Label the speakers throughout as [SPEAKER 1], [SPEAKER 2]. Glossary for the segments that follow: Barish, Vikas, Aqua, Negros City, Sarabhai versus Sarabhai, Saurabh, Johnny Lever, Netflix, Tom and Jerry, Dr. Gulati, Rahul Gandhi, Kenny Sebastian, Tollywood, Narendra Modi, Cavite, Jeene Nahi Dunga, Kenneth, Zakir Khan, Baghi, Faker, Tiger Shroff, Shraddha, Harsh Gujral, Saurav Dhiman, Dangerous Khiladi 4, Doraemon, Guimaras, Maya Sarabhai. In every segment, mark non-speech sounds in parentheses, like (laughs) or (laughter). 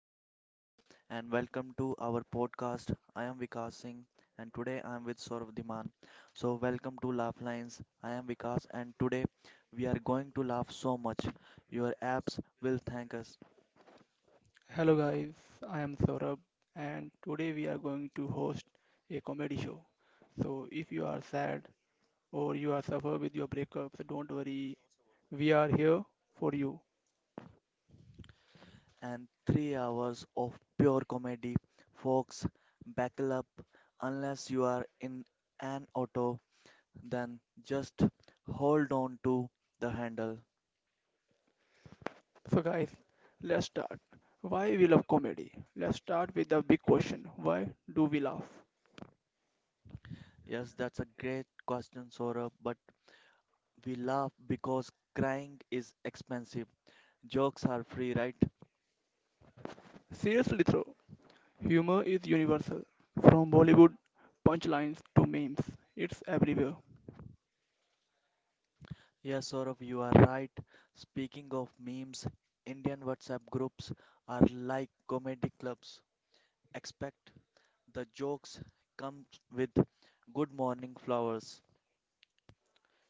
[SPEAKER 1] all are fine and welcome to our podcast. I am Vikas Singh and today I am with Saurav Dhiman. So, welcome to Laugh Lines. I am Vikas and today we are going to laugh so much. Your apps will thank us.
[SPEAKER 2] Hello guys, I am Saurabh and today we are going to host a comedy show. So if you are sad or you are suffer with your breakup, so don't worry, we are here for you.
[SPEAKER 1] And 3 hours of pure comedy. Folks, buckle up. Unless you are in an auto, then just hold on to the handle.
[SPEAKER 2] So guys, let's start. Why we love comedy? Let's start with the big question. Why do we laugh?
[SPEAKER 1] Yes, that's a great question, Saurabh, but we laugh because crying is expensive. Jokes are free, right?
[SPEAKER 2] Seriously though, humor is universal. From Bollywood punchlines to memes, it's everywhere.
[SPEAKER 1] Yes, Saurav, you are right. Speaking of memes, Indian WhatsApp groups are like comedy clubs. Expect the jokes comes with good morning flowers.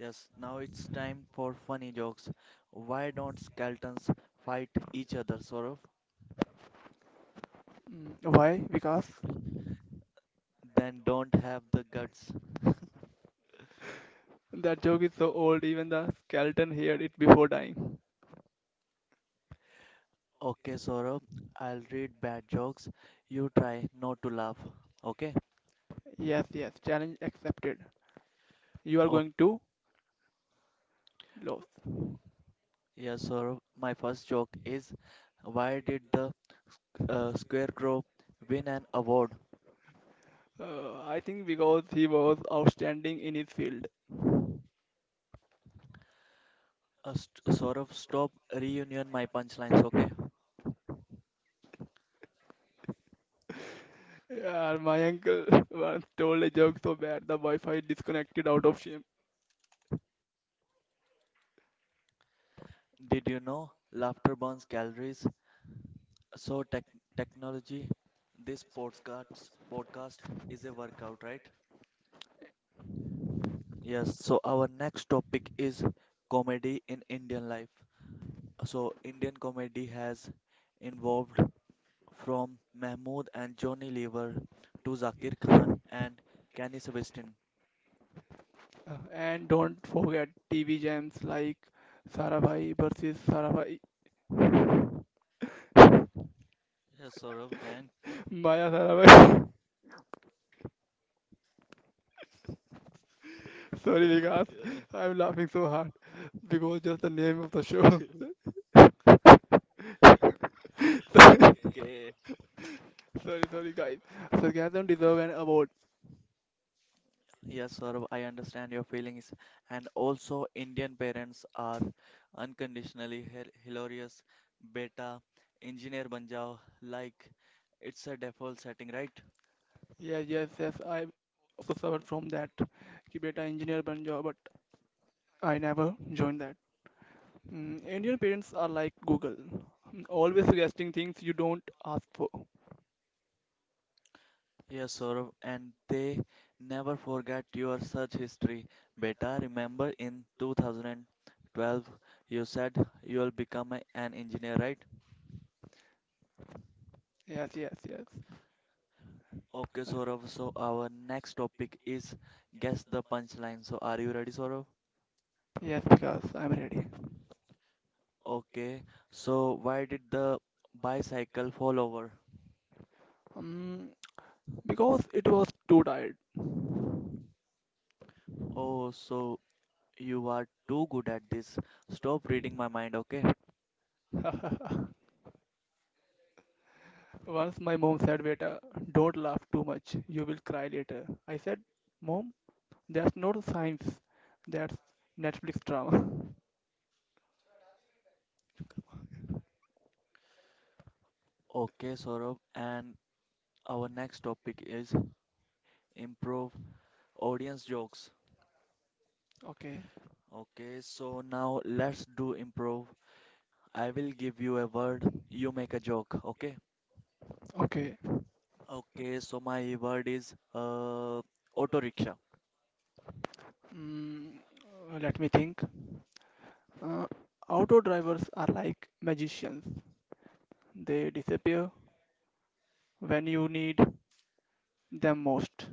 [SPEAKER 1] Yes, now it's time for funny jokes. Why don't skeletons fight each other, Saurav?
[SPEAKER 2] Why? Because
[SPEAKER 1] Then don't have the guts. (laughs)
[SPEAKER 2] that joke is so old even the skeleton heard it before dying.
[SPEAKER 1] Okay, Saurabh, I'll read bad jokes. You try not to laugh. Okay?
[SPEAKER 2] Yes, yes, challenge accepted. You are
[SPEAKER 1] Okay,
[SPEAKER 2] going to lose.
[SPEAKER 1] yeah, Saurabh, my first joke is why did the scarecrow win an award?
[SPEAKER 2] I think because he was outstanding in his field.
[SPEAKER 1] Saurabh, stop reunion my punchlines, okay?
[SPEAKER 2] Yeah, my uncle (laughs) once told a joke so bad the Wi-Fi disconnected out of shame.
[SPEAKER 1] Did you know laughter burns calories? So technology, this podcast is a workout, right? Yes, so our next topic is comedy in Indian life. So Indian comedy has evolved from Mahmood and Johnny Lever to Zakir Khan and Kenny Sebastian.
[SPEAKER 2] And don't forget TV jams like Sarabhai versus Sarabhai,
[SPEAKER 1] Yes, Saurav, and
[SPEAKER 2] Maya Sarabhai. (laughs) Sorry, Vikas, I'm laughing so hard because just the name of the show. (laughs) Sorry,
[SPEAKER 1] okay.
[SPEAKER 2] sorry, sorry, guys. Sarcasm deserve an award.
[SPEAKER 1] Yes, Saurav, I understand your feelings. And also, Indian parents are unconditionally hilarious. Beta, engineer ban jao, like it's a default setting, right?
[SPEAKER 2] Yeah, yes, yes. I offered from that कि बेटा engineer बन जाओ, but I never joined that. Indian parents are like Google, always suggesting things you don't ask for.
[SPEAKER 1] Yes, Saurabh, and they never forget your search history. Beta, remember in 2012 you said you will become an engineer, right?
[SPEAKER 2] Yes, yes, yes.
[SPEAKER 1] Okay, Saurabh, so our next topic is guess the punchline. So are you ready, Saurabh?
[SPEAKER 2] Yes, because I'm ready.
[SPEAKER 1] Okay, so why did the bicycle fall over?
[SPEAKER 2] Um, because it was too tired.
[SPEAKER 1] Oh, so you are too good at this. Stop reading my mind, okay?
[SPEAKER 2] (laughs) Once my mom said, Beta, don't laugh too much. You will cry later. I said, Mom, that's not science. That's Netflix drama. (laughs)
[SPEAKER 1] Okay, Saurabh, and our next topic is improv audience jokes.
[SPEAKER 2] Okay,
[SPEAKER 1] Okay, so now let's do improv. I will give you a word, you make a joke, okay?
[SPEAKER 2] okay.
[SPEAKER 1] Okay, so my word is auto rickshaw.
[SPEAKER 2] Mm, let me think. Uh, auto drivers are like magicians. They disappear when you need them most.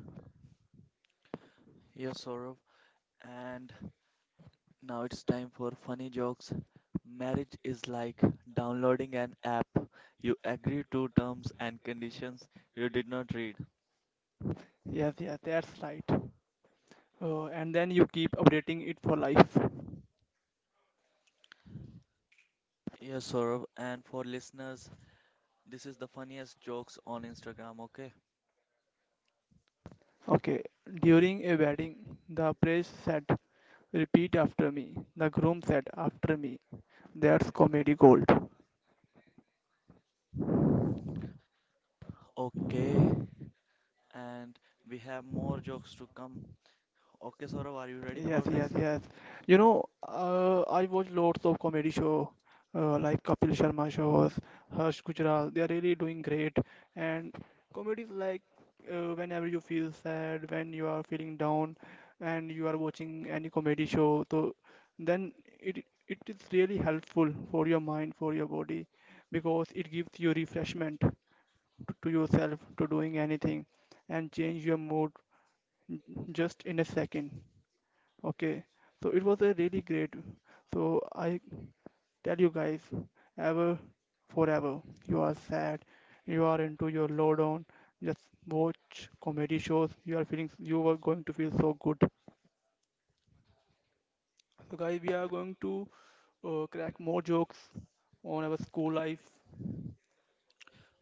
[SPEAKER 1] Yes, Saurav. And now it's time for funny jokes. Marriage is like downloading an app. You agree to terms and conditions you did not read.
[SPEAKER 2] Yes, yes, that's right. And then you keep rating it for life.
[SPEAKER 1] Yes, Saurav. And for listeners, this is the funniest jokes on Instagram, okay?
[SPEAKER 2] Okay, during a wedding, the priest said, Repeat after me. The groom said, After me. That's comedy gold.
[SPEAKER 1] Okay, and we have more jokes to come. Okay, Saurav, are you ready for
[SPEAKER 2] Yes,
[SPEAKER 1] this?
[SPEAKER 2] yes, yes. I watch lots of comedy show like Kapil Sharma shows, Harsh Gujral. They are really doing great. And comedy is like whenever you feel sad, when you are feeling down, and you are watching any comedy show, so then it is really helpful for your mind, for your body, because it gives you refreshment to yourself to doing anything and change your mood just in a second. Okay, so it was a really great. So I tell you guys, ever, forever, you are sad, you are into your lowdown, just watch comedy shows. You are feeling you are going to feel so good. So guys, we are going to crack more jokes on our school life.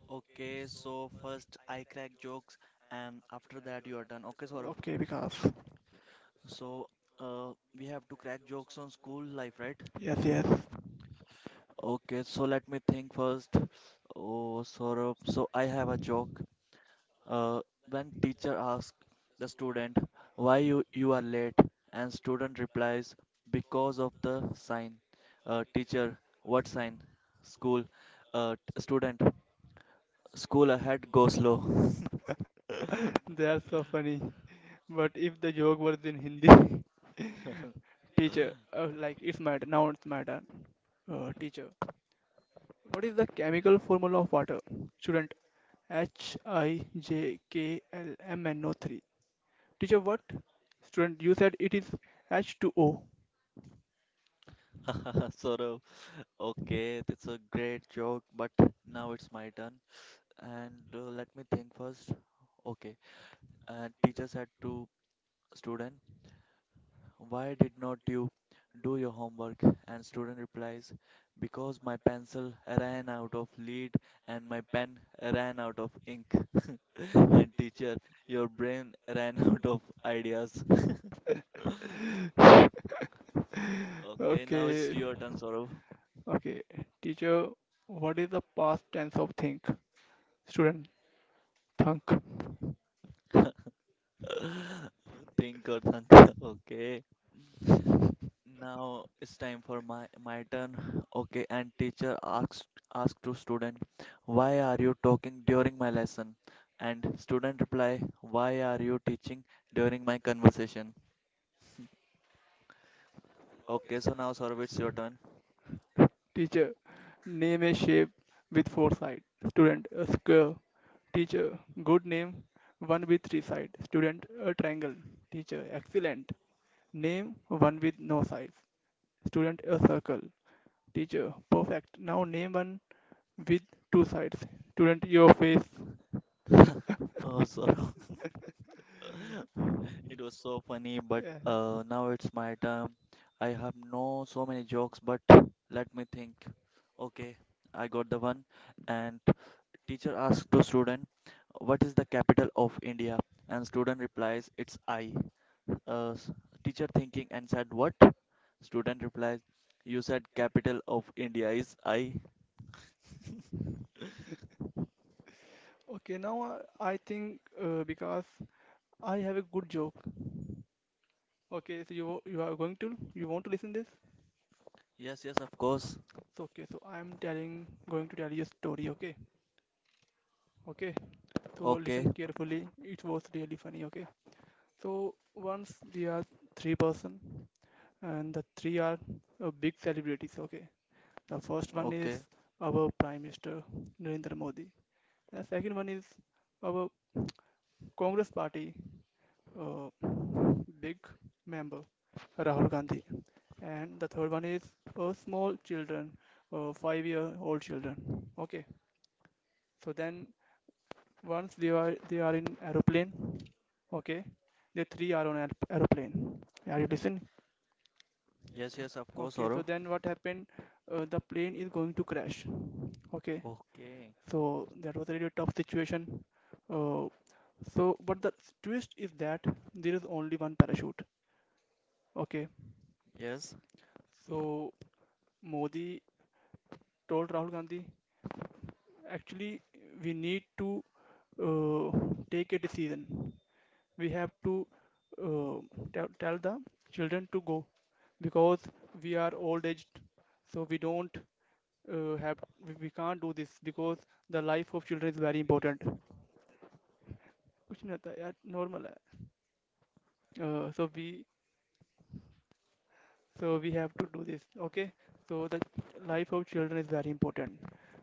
[SPEAKER 1] Okay, so first I crack jokes, and after that you are done. Okay, Saurav.
[SPEAKER 2] Okay, because
[SPEAKER 1] So we have to crack jokes on school life, right?
[SPEAKER 2] yes, yes,
[SPEAKER 1] Okay, so let me think first. Oh, Saurav, so I have a joke. Uh, when teacher asks the student why you are late and student replies because of the sign. Teacher, what sign? School. Student, school ahead, go slow.
[SPEAKER 2] that's so funny. But if the joke was in Hindi, (laughs) teacher, like it's my now it's my turn. Teacher, what is the chemical formula of water? Student HIJKLMNO3. Teacher, what? Student, you said it is H2O.
[SPEAKER 1] (laughs) Saurav, okay, that's a great joke, but now it's my turn. And let me think first. Okay, and teacher said to student, "Why did not you do your homework?" And student replies, "Because my pencil ran out of lead and my pen ran out of ink." (laughs) And teacher, your brain ran (laughs) out of ideas. (laughs)
[SPEAKER 2] (laughs)
[SPEAKER 1] Okay, now it's
[SPEAKER 2] Okay.
[SPEAKER 1] your turn, Saurav.
[SPEAKER 2] Okay. Teacher, what is the past tense of think? Student, thunk.
[SPEAKER 1] (laughs) Think or thunk. (laughs) Okay. Now it's time for my turn. Okay, and teacher asked to student, "Why are you talking during my lesson?" And student reply, "Why are you teaching during my conversation?" Okay, so now Saurav, it's your turn.
[SPEAKER 2] Teacher, name a shape with four sides. Student, a square. Teacher, good name, one with three sides. Student, a triangle. Teacher, excellent. Name one with no sides. Student a circle. Teacher. Perfect. Now name one with two sides. Student your face.
[SPEAKER 1] Oh, Saurav, (laughs) it was so funny, but
[SPEAKER 2] Yeah.
[SPEAKER 1] now it's my turn. I have no so many jokes, but let me think. Okay, I got the one, and teacher asks the student, "What is the capital of India?" And student replies, "It's I." Uh, s- teacher thinking and said, "What?" Student replies, "You said capital of India is I."
[SPEAKER 2] Okay, now I think because I have a good joke. Okay, so you want to listen this?
[SPEAKER 1] Yes, yes, of course.
[SPEAKER 2] So okay, so I am telling going to tell you a story. Okay, okay. So
[SPEAKER 1] Okay,
[SPEAKER 2] listen carefully. It was really funny. Okay. So once we are three person, and the three are big celebrities. Okay. The first one is
[SPEAKER 1] okay.
[SPEAKER 2] our Prime Minister Narendra Modi. The second one is our Congress Party uh, big member Rahul Gandhi, and the third one is small children, 5-year-old children. Okay, so then once they are in aeroplane, okay, the three are on aeroplane. Are you listening?
[SPEAKER 1] Yes, yes, of course,
[SPEAKER 2] Okay, so
[SPEAKER 1] Saurav.
[SPEAKER 2] then what happened? The plane is going to crash. Okay,
[SPEAKER 1] Okay.
[SPEAKER 2] so that was a really tough situation. Uh, so, but the twist is that there is only one parachute. Okay.
[SPEAKER 1] Yes.
[SPEAKER 2] So Modi told Rahul Gandhi, actually, we need to uh, take a decision. We have to tell the children to go because we are old aged, so we don't have we can't do this because the life of children is very important Question at at normal. Uh, so we so we have to do this. Okay. So the life of children is very important.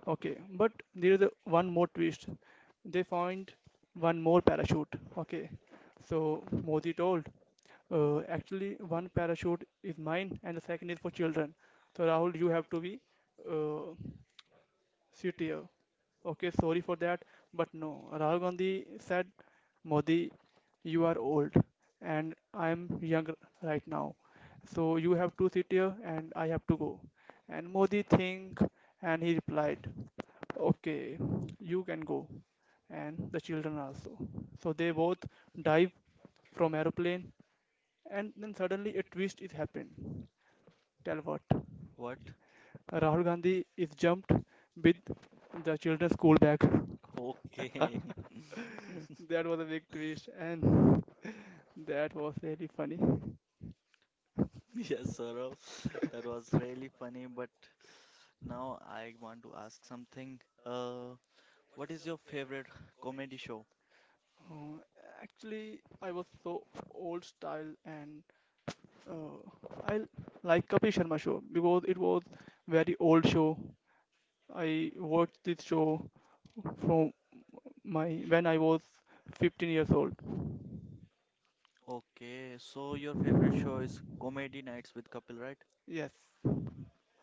[SPEAKER 2] Okay. But there is one more twist. They find one more parachute. Okay. So Modi told, actually one parachute is mine and the second is for children. So Rahul, you have to be uh, sit here. Okay, sorry for that, but no. Rahul Gandhi said, Modi, you are old and I am young right now. So you have to sit here and I have to go. And Modi think and he replied, Okay, you can go. And the children also. So they both dive from aeroplane and then suddenly a twist is happened. Tell what?
[SPEAKER 1] What?
[SPEAKER 2] Rahul Gandhi is jumped with the children's school bag.
[SPEAKER 1] Okay. (laughs)
[SPEAKER 2] That was a big twist, and that was really funny.
[SPEAKER 1] Yes, Saurav. That was really funny, but now I want to ask something. Uh, what is your favorite comedy show?
[SPEAKER 2] Uh, actually, I was so old style, and I like Kapil Sharma show because it was very old show. I watched this show from my when I was 15 years old.
[SPEAKER 1] Okay, so your favorite show is Comedy Nights with Kapil, right?
[SPEAKER 2] Yes.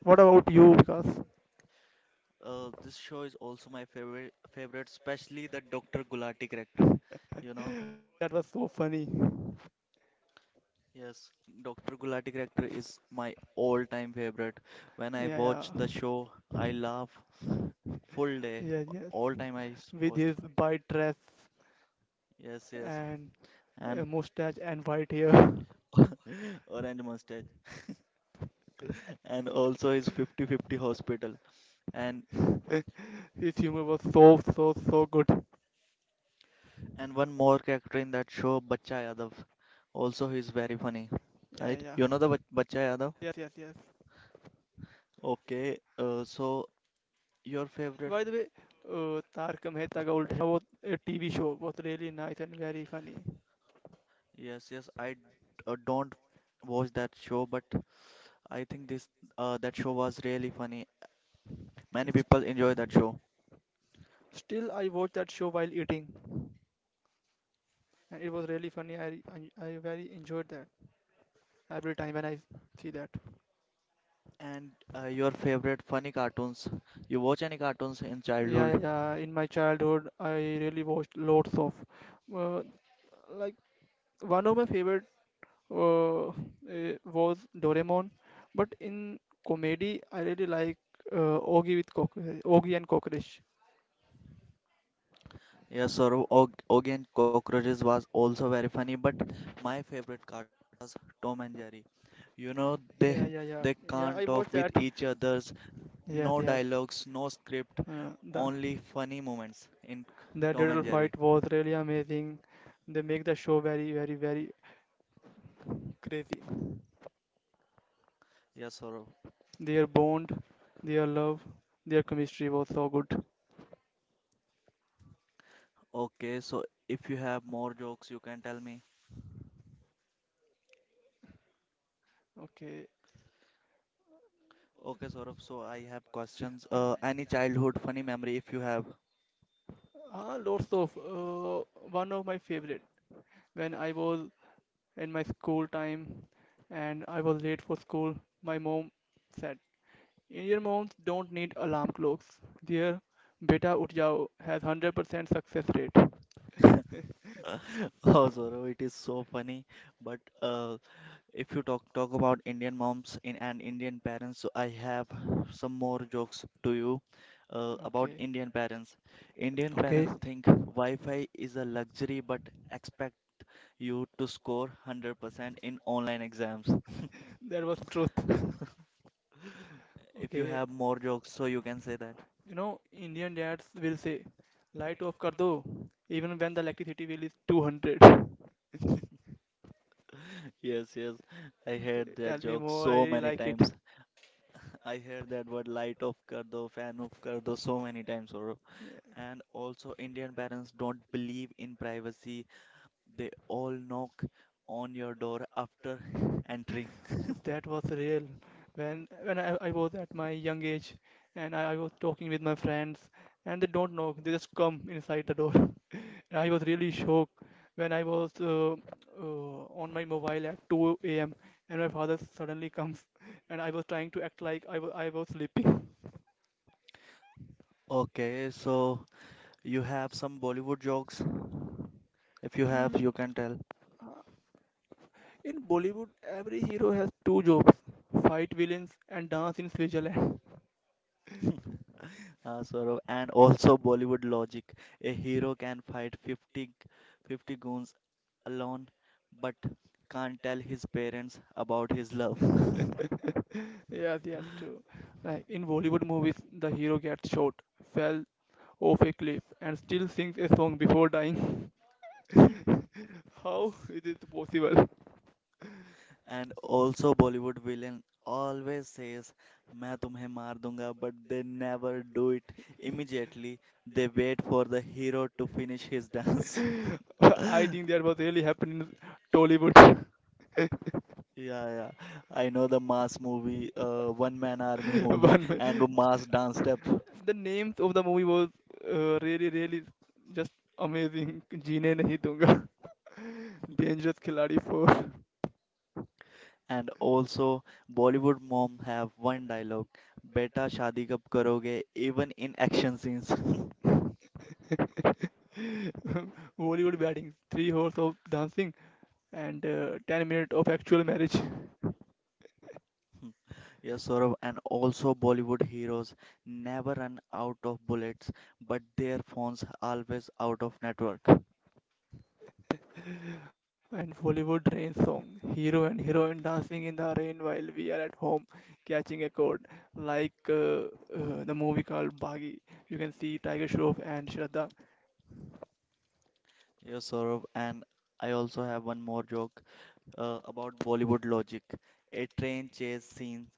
[SPEAKER 2] What about you? Because
[SPEAKER 1] This show is also my favorite, especially the Dr. Gulati character. You know,
[SPEAKER 2] that was so funny.
[SPEAKER 1] yes, Dr. Gulati character is my all-time favorite.
[SPEAKER 2] Yeah,
[SPEAKER 1] When I watch the show,
[SPEAKER 2] yeah.
[SPEAKER 1] I laugh full
[SPEAKER 2] Yeah,
[SPEAKER 1] day.
[SPEAKER 2] yes.
[SPEAKER 1] All time I
[SPEAKER 2] With his
[SPEAKER 1] watched.
[SPEAKER 2] white dress
[SPEAKER 1] Yes, yes,
[SPEAKER 2] and
[SPEAKER 1] and
[SPEAKER 2] mustache and white hair. (laughs)
[SPEAKER 1] (laughs) Orange Mustache, and also his Fifty Fifty hospital. And
[SPEAKER 2] His humor was so, so, so good.
[SPEAKER 1] And one more character in that show, Bachcha Yadav. Also, he's very funny,
[SPEAKER 2] Yeah,
[SPEAKER 1] right?
[SPEAKER 2] yeah,
[SPEAKER 1] You know the Bachcha Yadav?
[SPEAKER 2] yes, yes, yes.
[SPEAKER 1] Okay, so your
[SPEAKER 2] By the
[SPEAKER 1] favorite?
[SPEAKER 2] way, Tarka Mehta was a TV show was really nice and very funny.
[SPEAKER 1] Yes, yes. I don't watch that show, but I think this that show was really funny.
[SPEAKER 2] S-
[SPEAKER 1] Many people enjoy that show.
[SPEAKER 2] Still, I watch that show while eating, and it was really funny. I very enjoyed that every time when I see that.
[SPEAKER 1] And your favorite funny cartoons? You watch any cartoons in
[SPEAKER 2] Yeah, yeah,
[SPEAKER 1] childhood?
[SPEAKER 2] yeah. In my childhood, I really watched lots of, uh, like one of my favorite uh, was Doraemon. But in comedy, I really like Ogi and Cockroach.
[SPEAKER 1] Yes, or Og Oggy and Cockroaches was also very funny, but my favorite cartoon. Tom and Jerry. You know, they
[SPEAKER 2] Yeah, yeah,
[SPEAKER 1] they
[SPEAKER 2] yeah,
[SPEAKER 1] can't
[SPEAKER 2] yeah. I
[SPEAKER 1] talk
[SPEAKER 2] watched
[SPEAKER 1] with
[SPEAKER 2] that.
[SPEAKER 1] each others. No
[SPEAKER 2] Yes, yes.
[SPEAKER 1] dialogues, no script,
[SPEAKER 2] Uh, the
[SPEAKER 1] only funny moments in Tom
[SPEAKER 2] the
[SPEAKER 1] and
[SPEAKER 2] turtle
[SPEAKER 1] Jerry.
[SPEAKER 2] fight was really amazing. They make the show very, very, very crazy.
[SPEAKER 1] Yes, Saurav.
[SPEAKER 2] Their bond, their love, their chemistry was so good.
[SPEAKER 1] Okay, so if you have more jokes, you can tell me.
[SPEAKER 2] Okay.
[SPEAKER 1] Okay, Saurav, so I have questions.
[SPEAKER 2] Mm.
[SPEAKER 1] Any childhood funny memory if you have?
[SPEAKER 2] Lots of one of my favorite when I was in my school time and I was late for school, my mom said, Indian moms don't need alarm clocks. Their beta uth jao has 100% success rate.
[SPEAKER 1] (laughs) Oh, Saurav, it is so funny. But if you talk about Indian moms in and Indian parents, so I have some more jokes to you about
[SPEAKER 2] Okay,
[SPEAKER 1] Indian parents. Indian
[SPEAKER 2] okay.
[SPEAKER 1] parents think Wi-Fi is a luxury, but expect you to score 100% in online exams.
[SPEAKER 2] That was truth.
[SPEAKER 1] (laughs) If you
[SPEAKER 2] Okay,
[SPEAKER 1] have more jokes, so you can say that.
[SPEAKER 2] Indian dads will say, light off kar do, even when the electricity bill is 200. Okay,
[SPEAKER 1] Yes, yes, I heard
[SPEAKER 2] tell
[SPEAKER 1] that
[SPEAKER 2] me
[SPEAKER 1] joke
[SPEAKER 2] more, I
[SPEAKER 1] so
[SPEAKER 2] really
[SPEAKER 1] many
[SPEAKER 2] like it.
[SPEAKER 1] times. I heard that word light off kar do, fan off kar do so many times, bro. And also, Indian parents don't believe in privacy. They all knock on your door after entering.
[SPEAKER 2] Oh, that was real. When I, was at my young age and I was talking with my friends and they don't knock, they just come inside the door. (laughs) I was really shocked when I was on my mobile at 2 a.m. and my father suddenly comes (laughs) and I was trying to act like I was sleeping. (laughs)
[SPEAKER 1] Okay, so you have some Bollywood jokes. If you have,
[SPEAKER 2] Mm,
[SPEAKER 1] you can tell.
[SPEAKER 2] In Bollywood, every hero has two jobs, fight villains and dance in Switzerland.
[SPEAKER 1] Saurav, and also Bollywood logic. A hero can fight 50, 50 goons alone, but can't tell his parents about his love. (laughs)
[SPEAKER 2] (laughs) Yes, yes, true. Like in Bollywood movies, the hero gets shot, fell, off a cliff and still sings a song before dying. (laughs) How is it possible?
[SPEAKER 1] And also Bollywood villain always says, "मैं तुम्हें मार दूंगा," but they never do it immediately. They wait for the hero to finish his dance. (laughs)
[SPEAKER 2] (laughs) I think that was really happening in Tollywood.
[SPEAKER 1] Yeah, yeah. I know the Mass movie, One Man Army
[SPEAKER 2] (laughs)
[SPEAKER 1] movie,
[SPEAKER 2] One,
[SPEAKER 1] and the Mass dance step.
[SPEAKER 2] the names of the movie was really, really just amazing. Jeene Nahi Dunga, (laughs) Dangerous Khiladi 4,
[SPEAKER 1] And also, Bollywood mom have one dialogue, "Beta शादी कब करोगे?" Even in action scenes. (laughs)
[SPEAKER 2] (laughs) Bollywood Weddings, 3 hours of dancing, and 10 minutes of actual marriage.
[SPEAKER 1] Yes, Saurav. And also, Bollywood heroes never run out of bullets, but their phones always out of network.
[SPEAKER 2] A Bollywood rain song. Hero and heroine dancing in the rain while we are at home catching a cold. Like the movie called Baghi. You can see Tiger Shroff and Shraddha.
[SPEAKER 1] Yes, Saurav. And I also have one more joke. About Bollywood logic. A train chase scene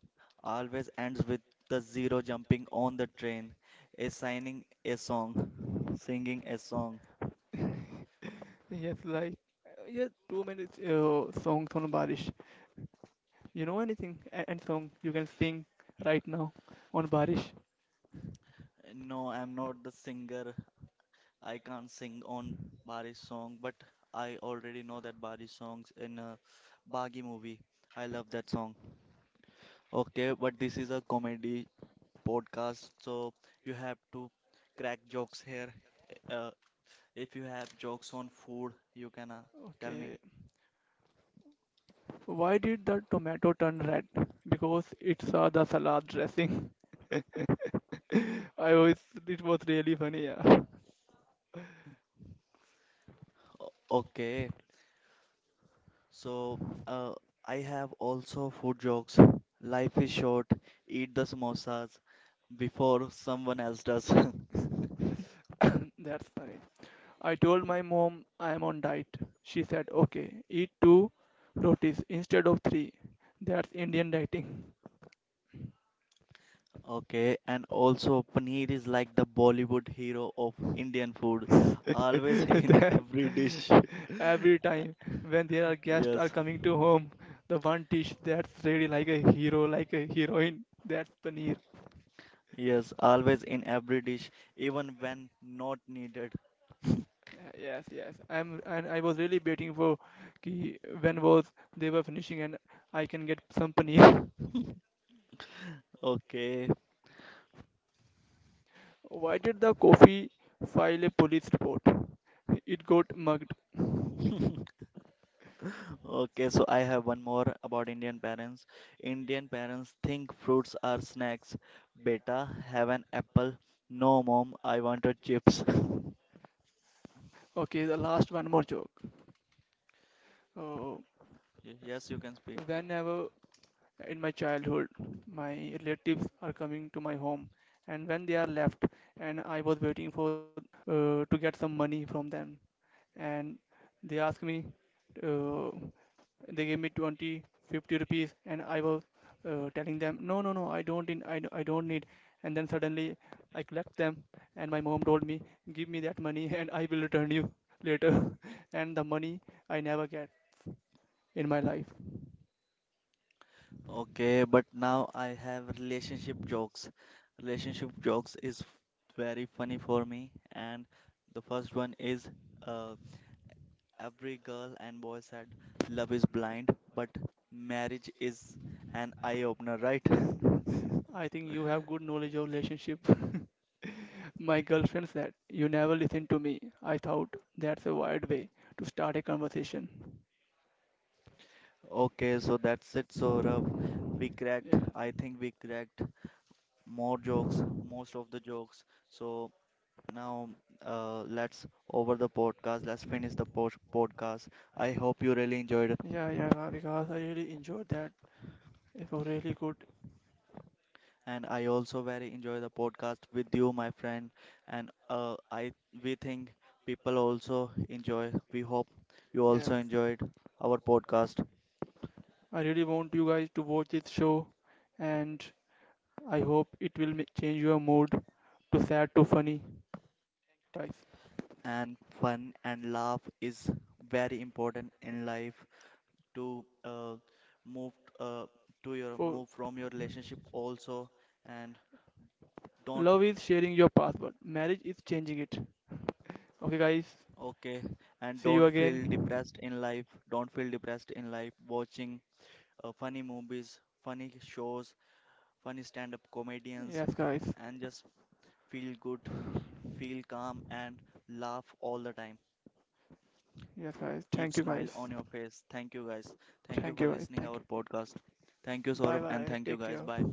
[SPEAKER 1] always ends with the zero jumping on the train, a signing a song, singing a song.
[SPEAKER 2] Yes, like yeah, too many songs on Barish. You know anything? And song you can sing right now on Barish.
[SPEAKER 1] No, I'm not the singer. I can't sing on Bari's song, but I already know that Bari's songs in a Bagi movie. I love that song. Okay, but this is a comedy podcast, so you have to crack jokes here. Uh, if you have jokes on food, you can tell
[SPEAKER 2] Okay.
[SPEAKER 1] me.
[SPEAKER 2] Why did the tomato turn red? Because it saw the salad dressing. (laughs) I was. It was really funny. Yeah.
[SPEAKER 1] O- Okay, so uh, I have also food jokes. Life is short, eat the samosas before someone else does. (laughs)
[SPEAKER 2] That's nice. I told my mom I'm on diet. She said, okay, eat two rotis instead of three. That's Indian dieting.
[SPEAKER 1] Okay, and also paneer is like the Bollywood hero of Indian food, always (laughs)
[SPEAKER 2] (laughs)
[SPEAKER 1] in
[SPEAKER 2] That-
[SPEAKER 1] every dish.
[SPEAKER 2] Every time when there are guests are
[SPEAKER 1] Yes,
[SPEAKER 2] coming to home, the one dish that's really like a hero, like a heroine, that's paneer.
[SPEAKER 1] yes, always in every dish, even when not needed.
[SPEAKER 2] Yes, yes. I was really waiting for ki when was they were finishing and I can get some paneer.
[SPEAKER 1] Okay.
[SPEAKER 2] (laughs) Why did the coffee file a police report? It got mugged.
[SPEAKER 1] (laughs) Okay, so I have one more about Indian parents. Indian parents think fruits are snacks. Beta, have an apple. No, mom, I wanted chips. (laughs)
[SPEAKER 2] Okay, the last one more joke. Uh,
[SPEAKER 1] Yes, you can speak.
[SPEAKER 2] whenever in my childhood, my relatives are coming to my home, and when they are left, and I was waiting for to get some money from them, and they ask me, uh, They gave me 20, 50 rupees, and I was telling them, no, no, no, I don't need. And then suddenly I collect them, and my mom told me, give me that money, (laughs) and I will return you later. (laughs) And the money I never get in my life.
[SPEAKER 1] Okay, but now I have relationship jokes. Relationship jokes is very funny for me. And the first one is uh, every girl and boy said love is blind, but marriage is an eye opener, right? (laughs)
[SPEAKER 2] I think you have good knowledge of relationship. (laughs) My girlfriend said, you never listen to me. I thought that's a weird way to start a conversation.
[SPEAKER 1] Okay, so that's it, Saurabh. We cracked,
[SPEAKER 2] Yes.
[SPEAKER 1] I think we cracked more jokes, most of the jokes. So now let's over the podcast. Let's finish the po podcast. I hope you really enjoyed it.
[SPEAKER 2] Yeah, yeah, because I really enjoyed that. It was really good.
[SPEAKER 1] And I also very enjoy the podcast with you, my friend. And I we think people also enjoy. We hope you also
[SPEAKER 2] Yes.
[SPEAKER 1] enjoyed our podcast.
[SPEAKER 2] I really want you guys to watch this show, and I hope it will change your mood to sad to funny.
[SPEAKER 1] And fun and laugh is very important in life. To move uh, to
[SPEAKER 2] For
[SPEAKER 1] your move from your relationship also, and
[SPEAKER 2] love
[SPEAKER 1] don't,
[SPEAKER 2] is sharing your password, marriage is changing it. Okay, guys,
[SPEAKER 1] okay, and
[SPEAKER 2] see
[SPEAKER 1] don't
[SPEAKER 2] you
[SPEAKER 1] feel
[SPEAKER 2] again.
[SPEAKER 1] depressed in life, don't feel depressed in life watching funny movies, funny shows, funny stand-up comedians,
[SPEAKER 2] Yes, guys.
[SPEAKER 1] and just feel good, feel calm and laugh all the time,
[SPEAKER 2] Yes, guys.
[SPEAKER 1] keep
[SPEAKER 2] Thank you,
[SPEAKER 1] smile
[SPEAKER 2] guys.
[SPEAKER 1] on your face. Thank you, guys, thank you
[SPEAKER 2] Thank
[SPEAKER 1] for
[SPEAKER 2] you, guys.
[SPEAKER 1] listening our
[SPEAKER 2] Thank you.
[SPEAKER 1] podcast, thank you,
[SPEAKER 2] Bye
[SPEAKER 1] Saurav,
[SPEAKER 2] bye.
[SPEAKER 1] and thank you,
[SPEAKER 2] Take
[SPEAKER 1] guys,
[SPEAKER 2] care.
[SPEAKER 1] bye.